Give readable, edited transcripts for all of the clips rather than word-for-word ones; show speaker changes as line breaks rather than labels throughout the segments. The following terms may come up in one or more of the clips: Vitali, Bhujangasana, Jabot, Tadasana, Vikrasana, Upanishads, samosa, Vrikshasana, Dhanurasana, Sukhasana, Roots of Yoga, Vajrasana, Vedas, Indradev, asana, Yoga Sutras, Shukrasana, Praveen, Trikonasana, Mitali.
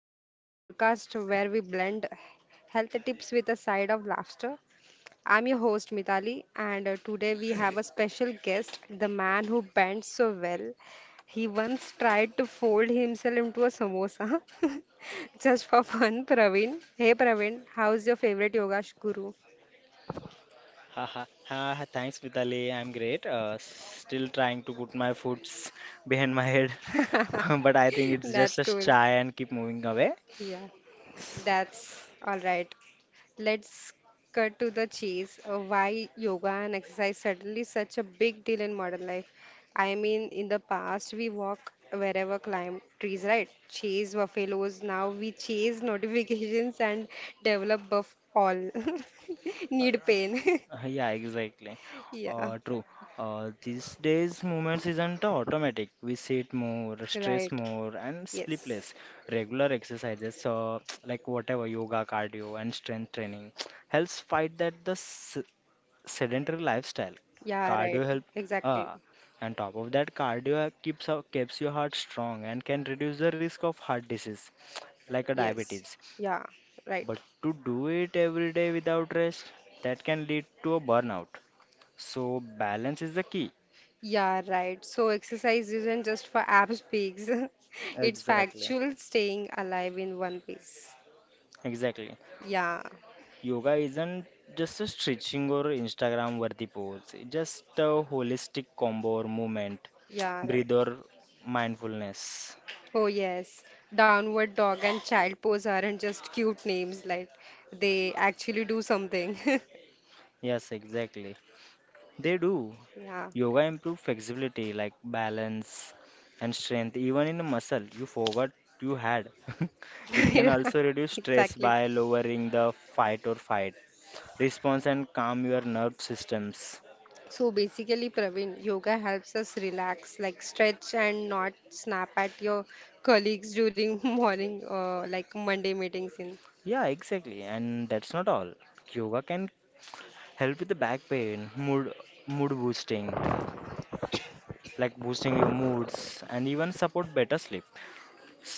Yoga, the podcast where we blend health tips with a side of laughter. I'm your host Mitali, and today we have a special guest, the man who bends so well. He once tried to fold himself into a samosa just for fun, Praveen. Hey Praveen, how's your favorite guru?
Haha, ha, thanks Vitali. I'm great. Still trying to put my foots behind my head, but I think it's just
That's
a
cool.
shy and keep moving away.
Yeah, that's all right. Let's cut to the chase. Why yoga and exercise suddenly such a big deal in modern life? I mean, in the past we walk wherever climb trees, right? Chase buffaloes. Now we chase notifications and develop buff all. Need pain.
Yeah, exactly.
Yeah.
True. These days, movements isn't automatic. We sit more, stress
Right.
more, and sleep
Yes.
less. Regular exercises, like whatever yoga, cardio, and strength training, helps fight that the sedentary lifestyle.
Yeah,
Cardio
right.
help,
Exactly.
uh, and top of that cardio keeps your heart strong and can reduce the risk of heart disease like a
Yes.
diabetes,
Yeah, right.
but to do it every day without rest, that can lead to a burnout, so balance is the key.
Yeah, right. So exercise isn't just for abs peaks. It's for actual staying alive in one piece.
Exactly.
Yeah.
Yoga isn't just a stretching or Instagram worthy pose. It's just a holistic combo or movement,
Yeah, right.
breathe or mindfulness.
Oh yes. Downward dog and child pose aren't just cute names, like they actually do something.
Yes, exactly. They do.
Yeah.
Yoga improve flexibility like balance and strength even in a muscle you forgot you had. It can also reduce stress
Exactly.
by lowering the fight or fight response and calm your nerve systems.
So basically, Praveen, yoga helps us relax, like stretch and not snap at your colleagues during morning, like Monday meetings. In.
Yeah, exactly. And that's not all. Yoga can help with the back pain, mood boosting, like boosting your moods and even support better sleep.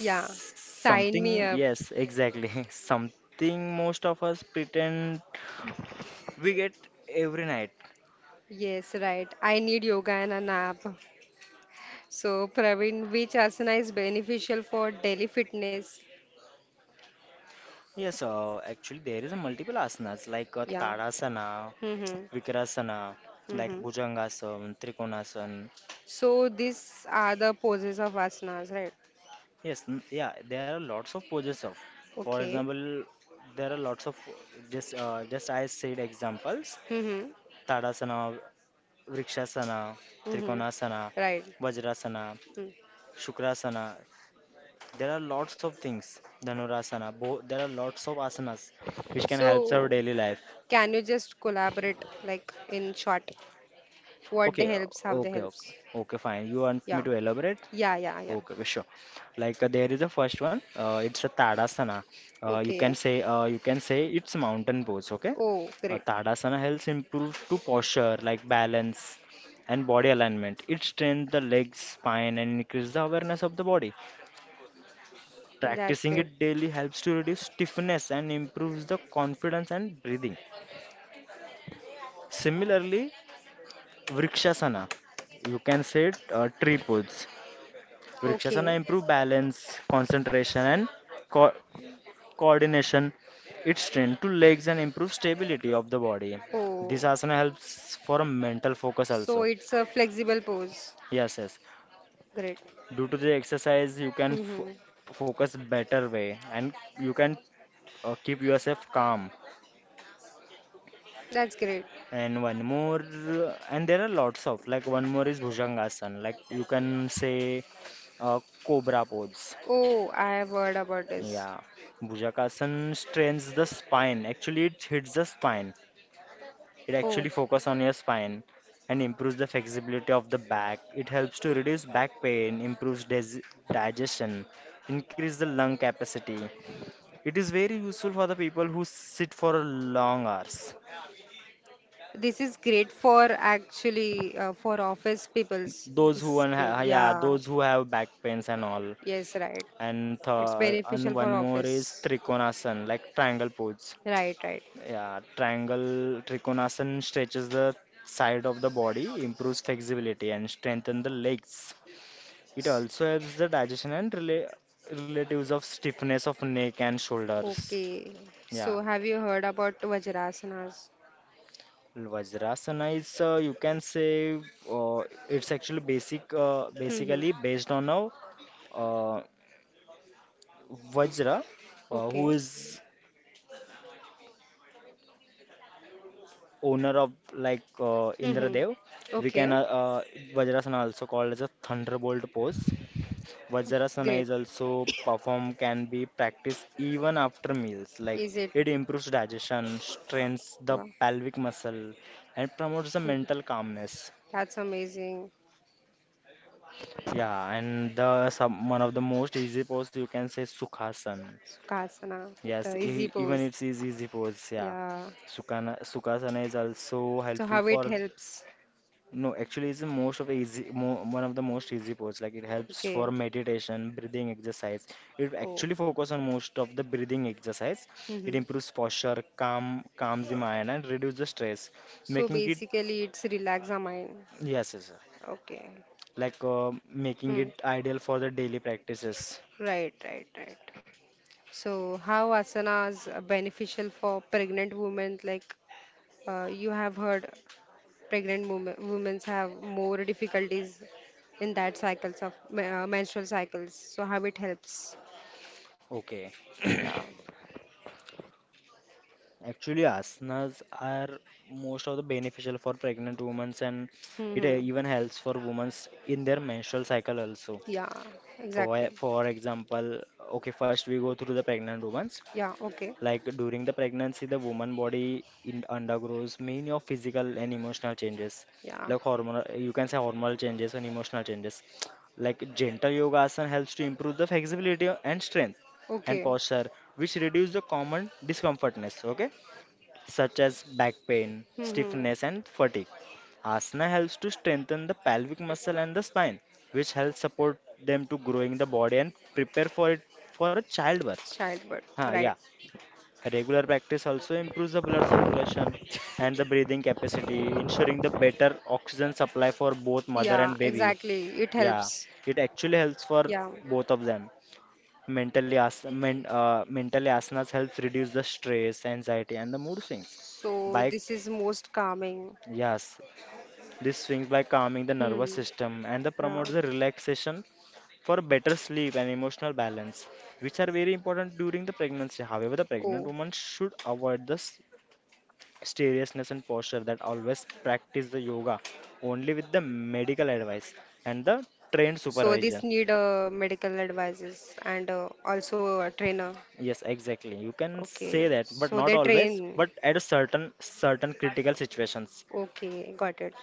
Yeah, sign me up.
yes, exactly. Something most of us pretend we get every night.
Yes, right. I need yoga and a nap. So, Praveen, which asana is beneficial for daily fitness?
Yes, actually, there is a multiple asanas like
Yeah.
Tadasana,
Mm-hmm.
Vikrasana, like
Mm-hmm.
Bhujangasana, Trikonasana.
So, these are the poses of asanas, right?
Yes, yeah, there are lots of poses of. For
Okay.
example, there are lots of just I said examples:
Mm-hmm.
Tadasana, Vrikshasana,
Mm-hmm.
Trikonasana,
Right.
Vajrasana,
Mm.
Shukrasana. There are lots of things, Dhanurasana. Bo There are lots of asanas which can help our
So,
daily life.
can you just collaborate, like in short, what the
Okay,
helps, how the
okay, okay,
helps?
okay, fine. You want me
Yeah.
to elaborate?
Yeah, yeah, yeah.
Okay, well, sure. Like there is a first one. It's a Tadasana.
Okay.
You can say it's mountain pose. Okay,
Oh, great.
Tadasana helps improve to posture like balance and body alignment. It strengthens the legs, spine, and increases the awareness of the body.
That's
Practicing
great.
it daily helps to reduce stiffness and improves the confidence and breathing. Similarly, Vrikshasana, you can say it, tree pose. Vrikshasana
Okay.
improve balance, concentration, and co- coordination. It strengthens to legs and improves stability of the body. This
Oh,
asana helps for a mental focus
so
also.
it's a flexible pose.
Yes, yes.
Great.
Due to the exercise, you can
Hmm.
focus better way, and you can keep yourself calm.
That's great.
And one more, and there are lots of, like, one more is Bhujangasana, like you can say cobra pose.
Oh, I have heard about this.
Yeah, Bhujangasana strains the spine. Actually, it hits the spine. It
Oh,
actually focus on your spine and improves the flexibility of the back. It helps to reduce back pain, improves dis digestion, increase the lung capacity. It is very useful for the people who sit for long hours.
this is great for actually for office peoples.
Those
This
who
is
un-
great.
ha- yeah,
Yeah.
those who have back pains and all.
Yes, right.
and
It's
th- and
beneficial
one
for
more is
office.
trikonasan, like triangle pose.
Right, right.
Yeah, triangle trikonasan stretches the side of the body, improves flexibility, and strengthen the legs. It also helps the digestion and relatives of stiffness of neck and shoulders.
Okay. So
Yeah.
have you heard about Vajrasanas?
Vajrasana is, you can say, uh, it's actually
Mm-hmm.
basically based on a, uh, Vajra,
Okay.
who is owner of like,
Mm-hmm.
Indradev. We can
Okay.
Vajrasana also called as a thunderbolt pose. Vajrasana
Great.
is also performed can be practiced even after meals. Like
Is it?
it improves digestion, strengthens the
Wow.
pelvic muscle, and promotes the mental calmness.
That's amazing.
Yeah, and the some, one of the most easy pose you can say Sukhasana.
Sukhasana,
Yes,
the easy
e even
pose.
it's easy, easy pose. Yeah,
Yeah.
Sukhasana is also
So
helpful
how it
for.
helps?
No, actually, it's the most of the easy, mo one of the most easy pose. Like it helps
Okay.
for meditation, breathing exercise. It
Oh.
actually focus on most of the breathing exercise. It
Mm-hmm.
improves posture, calms the mind, and reduce the stress,
So
making it,
basically, it's relax the mind.
yes, yes, sir.
Okay.
Like, making
Hmm.
it ideal for the daily practices.
Right, right, right. So how asanas are beneficial for pregnant women? Like you have heard, pregnant women have more difficulties in that cycles of menstrual cycles. So how it helps?
Okay.
Yeah.
Actually, asanas are most of the beneficial for pregnant women and it,
Mm-hmm.
even helps for women in their menstrual cycle also.
Yeah.
For
Exactly.
for example, okay, first we go through the pregnant women's.
Yeah. Okay.
Like during the pregnancy, the woman body undergoes many of physical and emotional changes,
Yeah.
like hormonal. You can say hormonal changes and emotional changes. Like gentle yoga asana helps to improve the flexibility and strength and
Okay.
posture, which reduce the common discomfortness. Okay, such as back pain,
Mm-hmm.
stiffness, and fatigue. Asana helps to strengthen the pelvic muscle and the spine, which helps support them to growing the body and prepare for it for a childbirth.
Childbirth.
Huh,
Right.
yeah. Regular practice also improves the blood circulation and the breathing capacity, ensuring the better oxygen supply for both mother
Yeah,
and baby.
exactly. It
Yeah,
helps.
it actually helps for
Yeah.
both of them. Mentally, mentally asanas helps reduce the stress, anxiety, and the mood swings.
So
By
this is most calming.
Yes, this swings by calming the nervous
Hmm.
system and the
Yeah.
promotes the relaxation for better sleep and emotional balance, which are very important during the pregnancy. However, the pregnant
Oh.
woman should avoid the seriousness and posture that always practice the yoga only with the medical advice and the trained
So this
supervision.
need medical advices and also a trainer.
Yes, exactly. You can say
Okay.
that, but
So
not
they
always,
train.
but at a certain critical situations.
Okay, got it.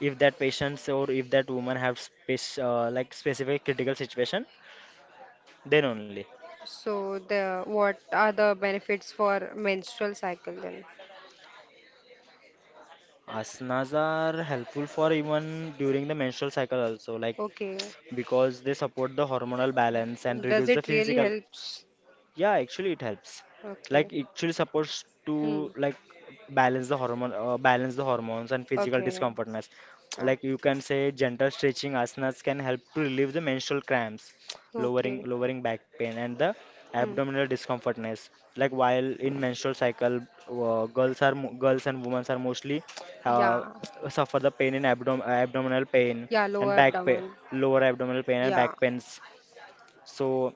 If that patients or if that woman have spec like specific critical situation, then only.
So the what are the benefits for menstrual cycle then?
Asanas are helpful for even during the menstrual cycle also, like
Okay.
because they support the hormonal balance and
Does
reduce the
it really
physical.
helps?
Yeah, actually it helps.
Okay.
Like actually supposed
Hmm.
to like balance the hormones and physical
Okay.
discomfortness.
Yeah.
Like you can say gentle stretching asanas can help to relieve the menstrual cramps, lowering
Okay.
lowering back pain and the
Hmm.
abdominal discomfortness. Like while in menstrual cycle, girls and women are mostly, uh,
Yeah.
suffer the pain in abdominal pain
Yeah.
and
Lower
back pain,
abdomen.
lower abdominal pain and
Yeah.
back pains. So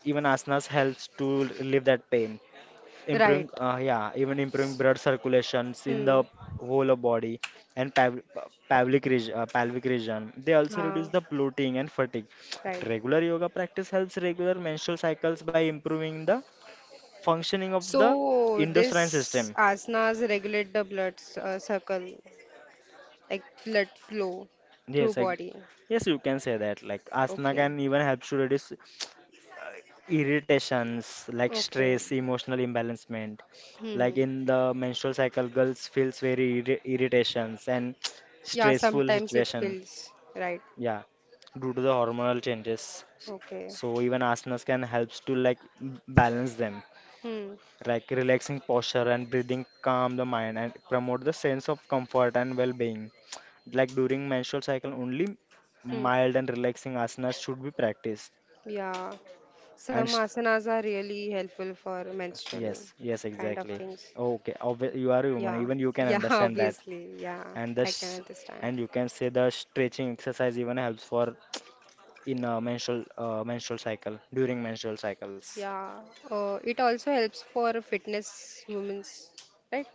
even asanas helps to relieve that pain,
Right.
improving, yeah, even improving blood circulations in the
Hmm.
whole of body and pelvic region, pelvic region, they also reduce
Ah.
the bloating and fatigue.
Right.
Regular yoga practice helps regular menstrual cycles by improving the functioning of the
So
endocrine
this
system.
asanas regulate the circle, like blood flow through
yes I,
body.
yes, you can say that, like asana
Okay.
can even help to reduce irritations like
Okay.
stress, emotional imbalancement. Like
Hmm.
in the menstrual cycle girls feels very irritations and
Yeah.
stressful
Sometimes it
situation,
feels right.
yeah, due to the hormonal changes.
Okay.
So even asanas can helps to, like, balance them,
Hmm.
like relaxing posture and breathing calm the mind and promote the sense of comfort and well-being. Like during menstrual cycle only
Hmm.
mild and relaxing asanas should be practiced.
Yeah. Some
And
asanas are really helpful for menstrual
yes, yes,
kind of
exactly.
things.
Okay, you are a woman.
Yeah.
Even you can
Yeah,
understand that.
obviously. Yeah,
And the
I can
sh
understand.
and you can say the stretching exercise even helps for in menstrual cycle during menstrual cycles.
Yeah. It also helps for fitness women's, right?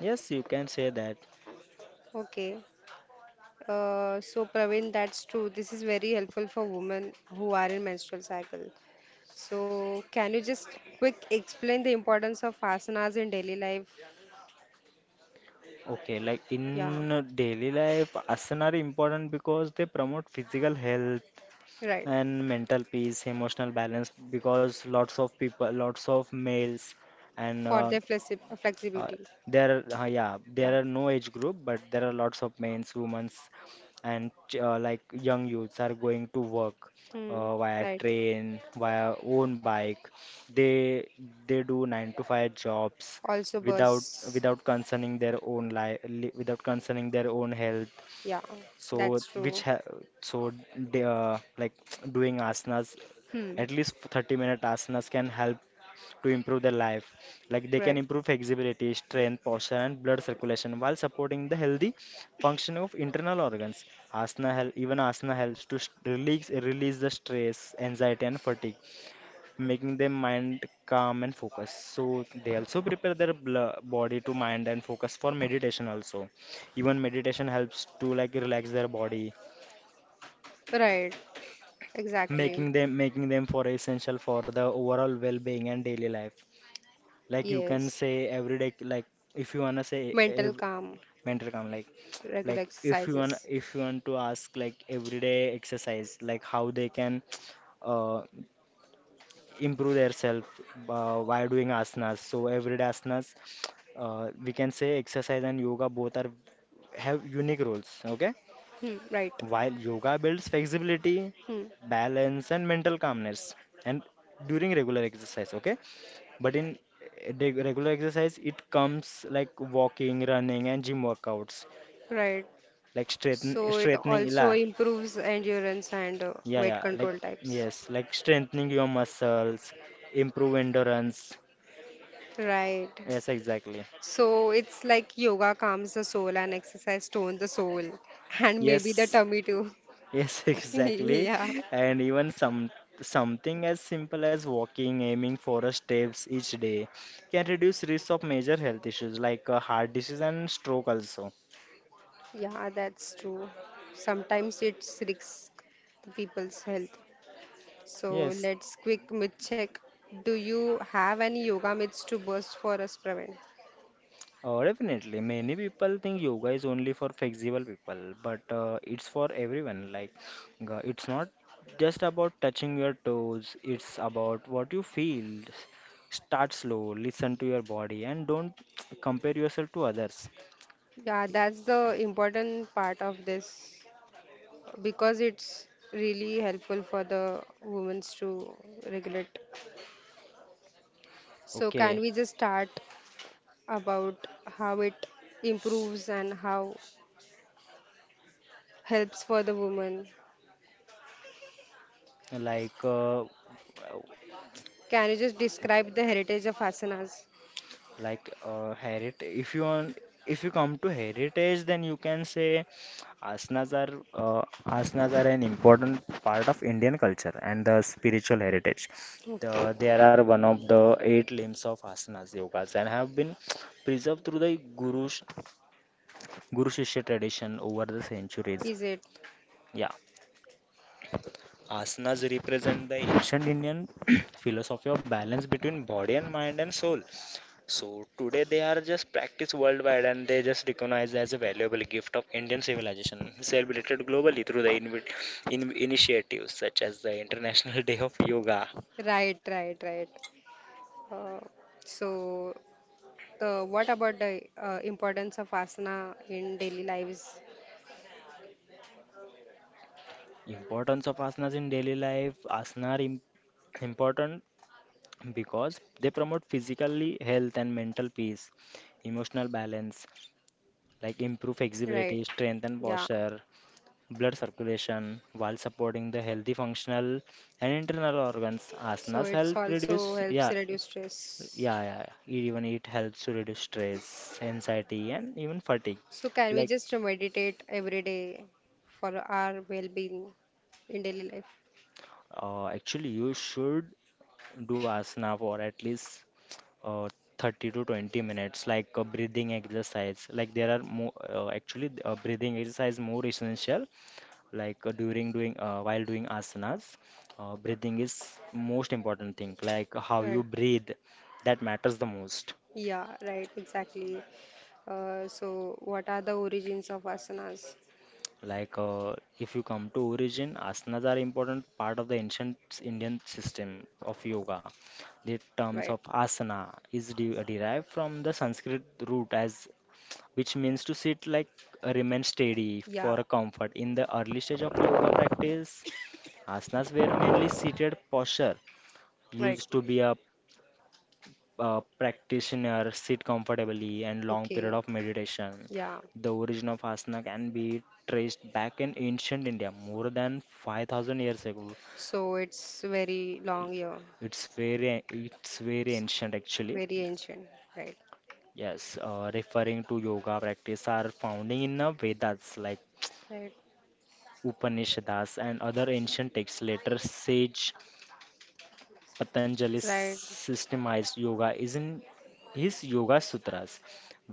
Yes, you can say that.
Okay. So Praveen, that's true. This is very helpful for women who are in menstrual cycle. So can you just quick explain the importance of asanas in daily life?
Okay, like
Yeah,
in, daily life, asana are important because they promote physical health
right.
and mental peace, emotional balance. Because lots of people, lots of males, and,
For their
Uh,
flexibility.
there, yeah, there
Yeah.
are no age group, but there are lots of men's, women's, and like young youths are going to work,
Hmm.
via
Right.
train, via own bike. They they do nine to five jobs
Also
without
bus.
without concerning their own life, without concerning their own health.
Yeah,
So
that's
which
true.
ha so they, like, doing asanas,
Hmm.
at least 30-minute asanas can help to improve their life. Like they can
Right.
improve flexibility, strength, posture, and blood circulation while supporting the healthy functioning of internal organs. Even asana helps to release the stress, anxiety, and fatigue, making their mind calm and focus. So they also prepare their body to mind and focus for meditation also. Even meditation helps to like relax their body,
Right. Exactly.
making them for essential for the overall well-being and daily life. Like you can
Yes.
say every day, like if you wanna say
Mental calm,
mental calm, like
regular
like if you want
exercises.
if you want to ask, like everyday exercise, like how they can. uh Improve themselves, by doing asanas. So everyday asanas, we can say exercise and yoga both are have unique roles. Okay,
Hmm. Right.
while yoga builds flexibility,
Hmm.
balance, and mental calmness, and during regular exercise. Okay, but in regular exercise, it comes like walking, running, and gym workouts,
Right.
like
So it
straightening.
also
La.
improves endurance and
Yeah,
weight
yeah, like
control types.
yes, like strengthening your muscles, improve endurance.
Right.
Yes, exactly.
So it's like yoga calms the soul and exercise tones the soul and maybe the
Yes,
tummy too.
yes, exactly.
Yeah.
And even something as simple as walking, aiming for a steps each day can reduce risk of major health issues like, heart disease and stroke also.
Yeah, that's true. Sometimes it's risk the people's health. So
Yes,
let's quick myth check. Do you have any yoga myths to burst for us, Praveen?
definitely. Many people think yoga is only for flexible people, but it's for everyone. Like it's not just about touching your toes, it's about what you feel. Start slow, listen to your body, and don't compare yourself to others.
Yeah, that's the important part of this because it's really helpful for the women to regulate. So can
Okay.
we just start about how it improves and how helps for the woman?
like uh,
Can you just describe the heritage of asanas?
Heritage? If you want, if you come to heritage, then you can say asanas are an important part of Indian culture and the spiritual heritage.
Okay.
There are one of the eight limbs of asanas yogas and have been preserved through the guru shishya tradition over the centuries.
Is it?
Yeah, asanas represent the ancient Indian philosophy of balance between body and mind and soul. So today they are just practiced worldwide and they just recognized as a valuable gift of Indian civilization, celebrated globally through the initiatives such as the International Day of Yoga.
Right, right, right. Uh, so, the what about the importance of asana in daily lives?
Importance of asanas in daily life. Important because they promote physically health and mental peace, emotional balance, like improve
Right.
flexibility, strength and
Yeah.
posture, blood circulation while supporting the healthy functional and internal organs.
So
Asanas
it's
help
also
reduce, yeah,
helps reduce stress.
yeah. Even it helps to reduce stress, anxiety, and even fatigue.
So can we
Like,
just meditate every day for our well-being in daily life?
actually, you should do asana for at least uh, 30 to 20 minutes, like a breathing exercise. Like, there are more, actually, breathing exercise more essential, like during doing while doing asanas, breathing is most important thing, like how
Right.
you breathe, that matters the most.
Yeah, right, exactly. So, what are the origins of asanas?
Like, if you come to origin, asanas are important part of the ancient Indian system of yoga. The terms
Right.
of asana is derived from the Sanskrit root as, which means to sit, like remain steady for
Yeah.
a comfort. In the early stage of yoga practice, asanas were mainly seated posture
Right.
used to be a practitioner sit comfortably and long period
Okay.
of meditation.
Yeah.
The origin of asana can be traced back in ancient India, more than 5,000 years ago.
So it's very long year,
It's very ancient actually.
very ancient. Right.
Yes, referring to yoga practice are found in the Vedas, like
Right.
Upanishads and other ancient texts. Later, sage Patanjali's
Right.
systemized yoga is in his Yoga Sutras,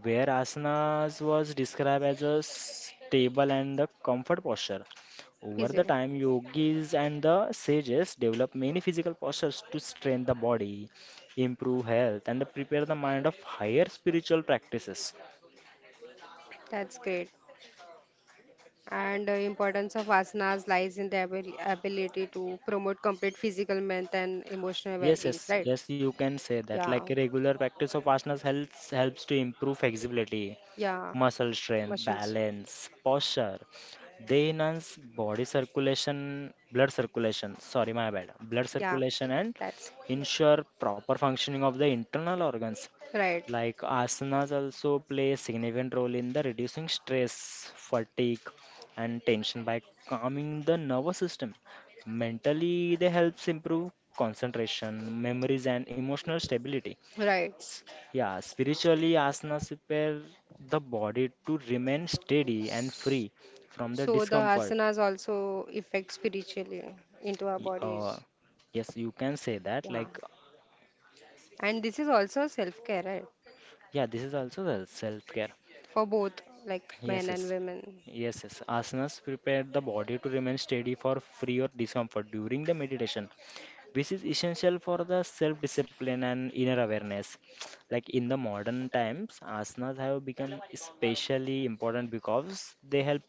where asanas was described as a stable and a comfort posture. Over the
Easier.
time, yogis and the sages develop many physical postures to strengthen the body, improve health, and prepare the mind of higher spiritual practices.
That's great. And the importance of asanas lies in the ability to promote complete physical, mental, and emotional
Yes,
well-being,
yes,
right?
yes, you can say that.
Yeah,
Like regular practice of asanas helps to improve flexibility,
yeah,
muscle strength,
muscles.
balance, posture. They enhance body circulation, blood circulation. Sorry, my bad. Blood
Yeah,
circulation and
that's great.
ensure proper functioning of the internal organs.
Right,
Like asanas also play a significant role in the reducing stress, fatigue, and tension by calming the nervous system. Mentally, they helps improve concentration, memories, and emotional stability.
right.
Yeah, spiritually, asanas prepare the body to remain steady and free from the
So the
discomfort.
asanas also affect spiritually into our
Y- Uh,
bodies.
yes, you can say that.
Yeah.
Like,
And this is also self-care, right?
yeah, this is also the self-care.
For both like men
Yes, yes.
and women.
Yes, yes. Asanas prepare the body to remain steady for free or discomfort during the meditation, which is essential for the self discipline and inner awareness. Like in the modern times asanas have become especially important because they help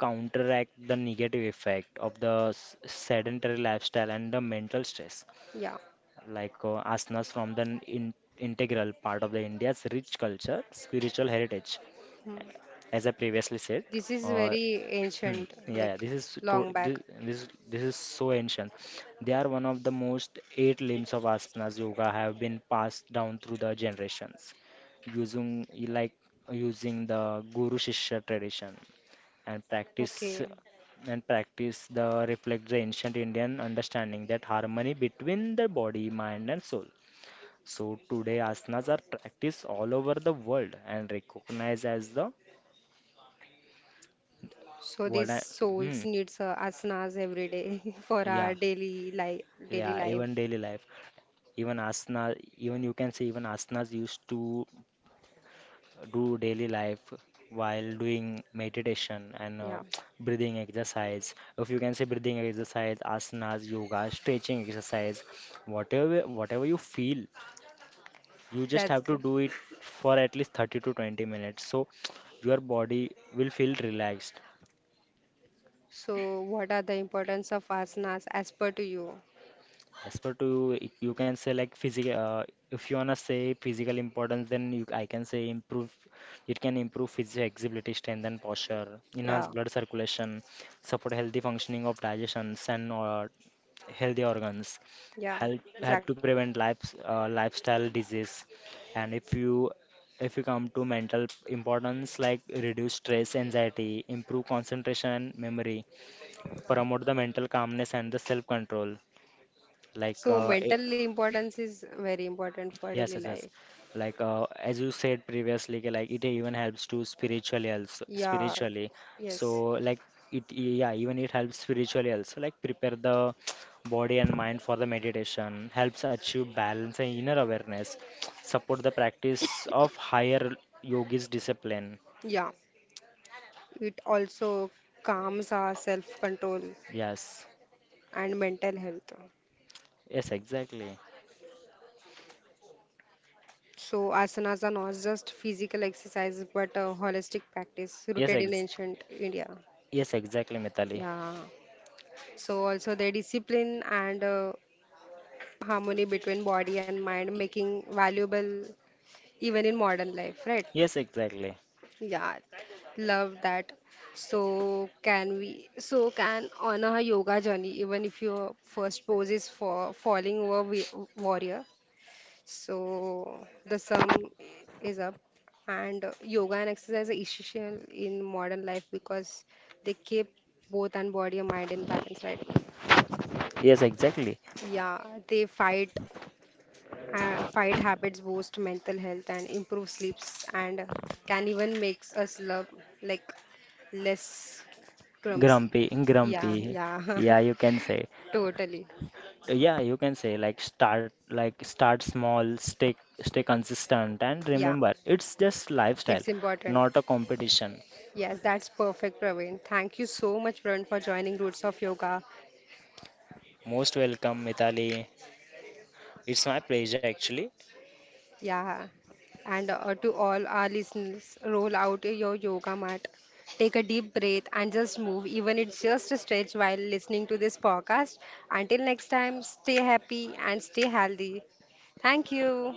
counteract the negative effect of the sedentary lifestyle and the mental stress.
Yeah.
Like asanas from the in- integral part of the India's rich culture spiritual heritage,
Hmm.
as I previously said.
This is
uh,
very
Hmm.
ancient,
Yeah, yeah,
like
this is to,
long
this,
back.
this is so ancient. They are one of the most eight limbs of asanas yoga, have been passed down through the generations, using, like, using the guru shishya tradition, and practice
Okay.
and practice the reflect the ancient Indian understanding that harmony between the body, mind, and soul. So today asanas are practiced all over the world and recognized as the
So
what
these
I, hmm.
souls needs asanas every day for
Yeah,
our daily life, daily
yeah,
life.
even daily life. Even asanas, even you can say even asanas used to do daily life while doing meditation and
Yeah,
breathing exercise. If you can say breathing exercise, asanas, yoga, stretching exercise, whatever you feel, you just have to
good.
do it for at least 30 to 20 minutes. So your body will feel relaxed.
So, what are the importance of asanas as per to you?
As per to y- You can say like physical. If you wanna say physical importance, then you, I can say improve. It can improve physical flexibility, strengthen posture, enhance blood circulation, support healthy functioning of digestions and healthy organs.
Yeah, and it help.
Help to prevent lifestyle disease. And if you come to mental importance, like reduce stress, anxiety, improve concentration and memory, promote the mental calmness and the self control, like
So, mental importance is very important for
Yes,
daily
yes,
yes
yes.
life.
Like as you
Like
said previously, ki, like it even helps to spiritually, also
yeah, so
spiritually. So like it, yeah, even it helps spiritually also. Like prepare the body and mind for the meditation, helps achieve balance and inner awareness, support the practice of higher yogi's discipline.
if yeah. It also calms our self-control
Yes,
and mental health.
yes, exactly.
So asanas are not just physical exercise but a holistic practice
Yes,
rooted in
ex
ancient India.
yes, exactly, Mitali.
Yeah. So also the discipline and harmony between body and mind making valuable even in modern life, right?
Yes, exactly.
Yeah, love that. So can on a yoga journey, even if your first pose is for falling over warrior. So the sum is up, and yoga and exercise are essential in modern life because they keep both and body and mind in balance, right?
Yes, exactly.
Yeah, they fight. Fight habits boost mental health and improve sleeps and can even makes us love like less clumsy.
Grumpy,
Yeah,
grumpy.
yeah,
Yeah, you can say.
totally.
Yeah, you can say, like start small, stay consistent and
Yeah,
remember it's just lifestyle,
it's important.
not a competition.
Yes, that's perfect, Praveen. Thank you so much, Praveen, for joining Roots of Yoga.
Most welcome, Mithali. It's my pleasure actually.
Yeah, and to all our listeners, roll out your yoga mat, take a deep breath, and just move, even it's just a stretch while listening to this podcast. Until next time, stay happy and stay healthy. Thank you.